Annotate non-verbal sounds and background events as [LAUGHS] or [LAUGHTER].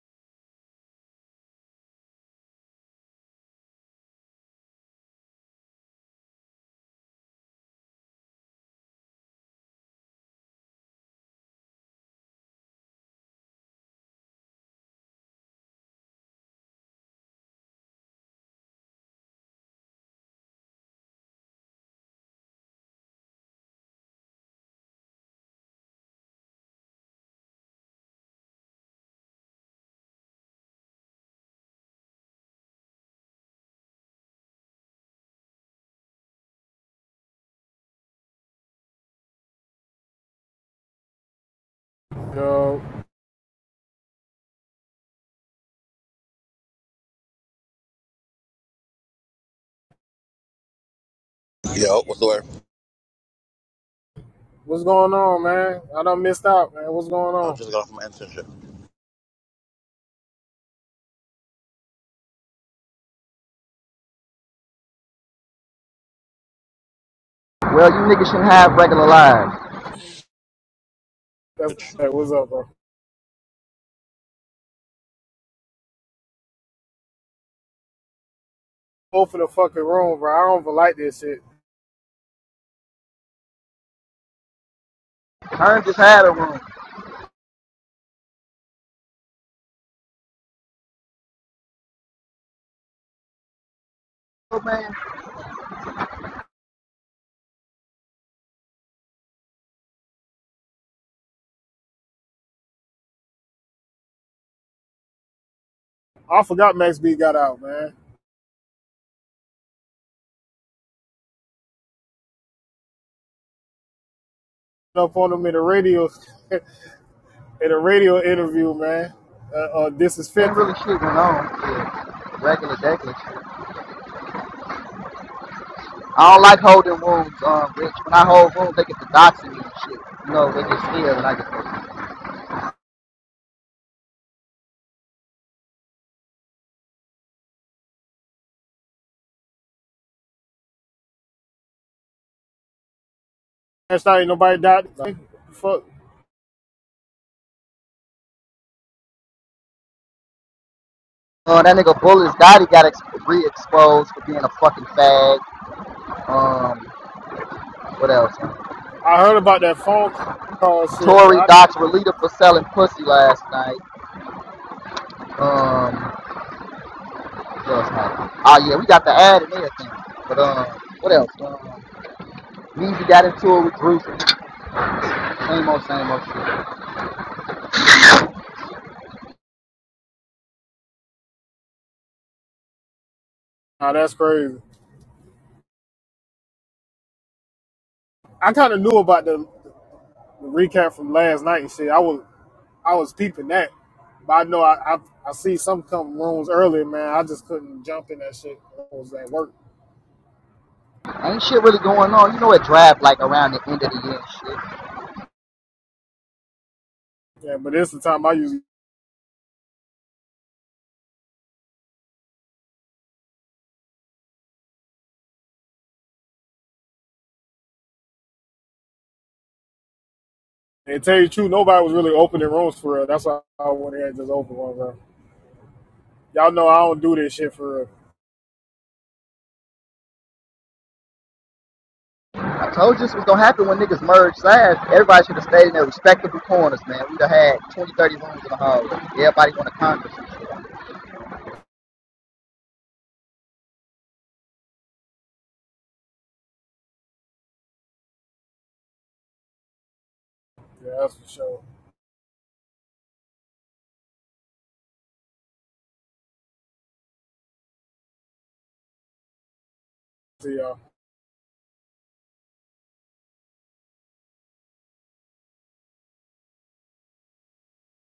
Yo, Yo, what's the word? what's going on, man? I done missed out, man. What's going I on? just got off my internship. Well, you niggas shouldn't have regular lives. That's hey, what's up, bro. Open the fucking room, bro. I don't even like this shit. Kern just had a room. I forgot Max B got out, man. Up on him in the radio, [LAUGHS] in a radio interview, man. Uh, uh this is Ain't fifty. really shit going on. Yeah. Regular degular shit. I don't like holding wounds. um, Rich. When I hold wounds, they get the doxing me and shit. You know, they get scared and I get those. That's not ain't nobody died. Like, fuck. Uh, that nigga Bullis Gotti got ex- re-exposed for being a fucking fag. Um, what else? I heard about that phone call shit, but Tory I, doxed Relita for selling pussy last night. Um, what else happened? Oh yeah, we got the ad and everything. But um, what else? Um, Weezy got into it with Bruce and Same old, same old shit. nah, that's crazy. I kind of knew about the the recap from last night and shit. I was I was peeping that, but I know I I, I see some come rooms earlier, man. I just couldn't jump in that shit. I was at work. Ain't shit really going on. You know it draft like around the end of the year and shit. Yeah, but this is the time I usually. And tell you the truth, nobody was really opening rooms for real. That's why I went ahead and just opened one, bro. Y'all know I don't do this shit for real. I told you this was gonna happen when niggas merged sides. Everybody should have stayed in their respectable corners, man. We'd have had 20, 30 rooms in the hallway. Everybody on the Congress. Yeah, that's for sure. See y'all.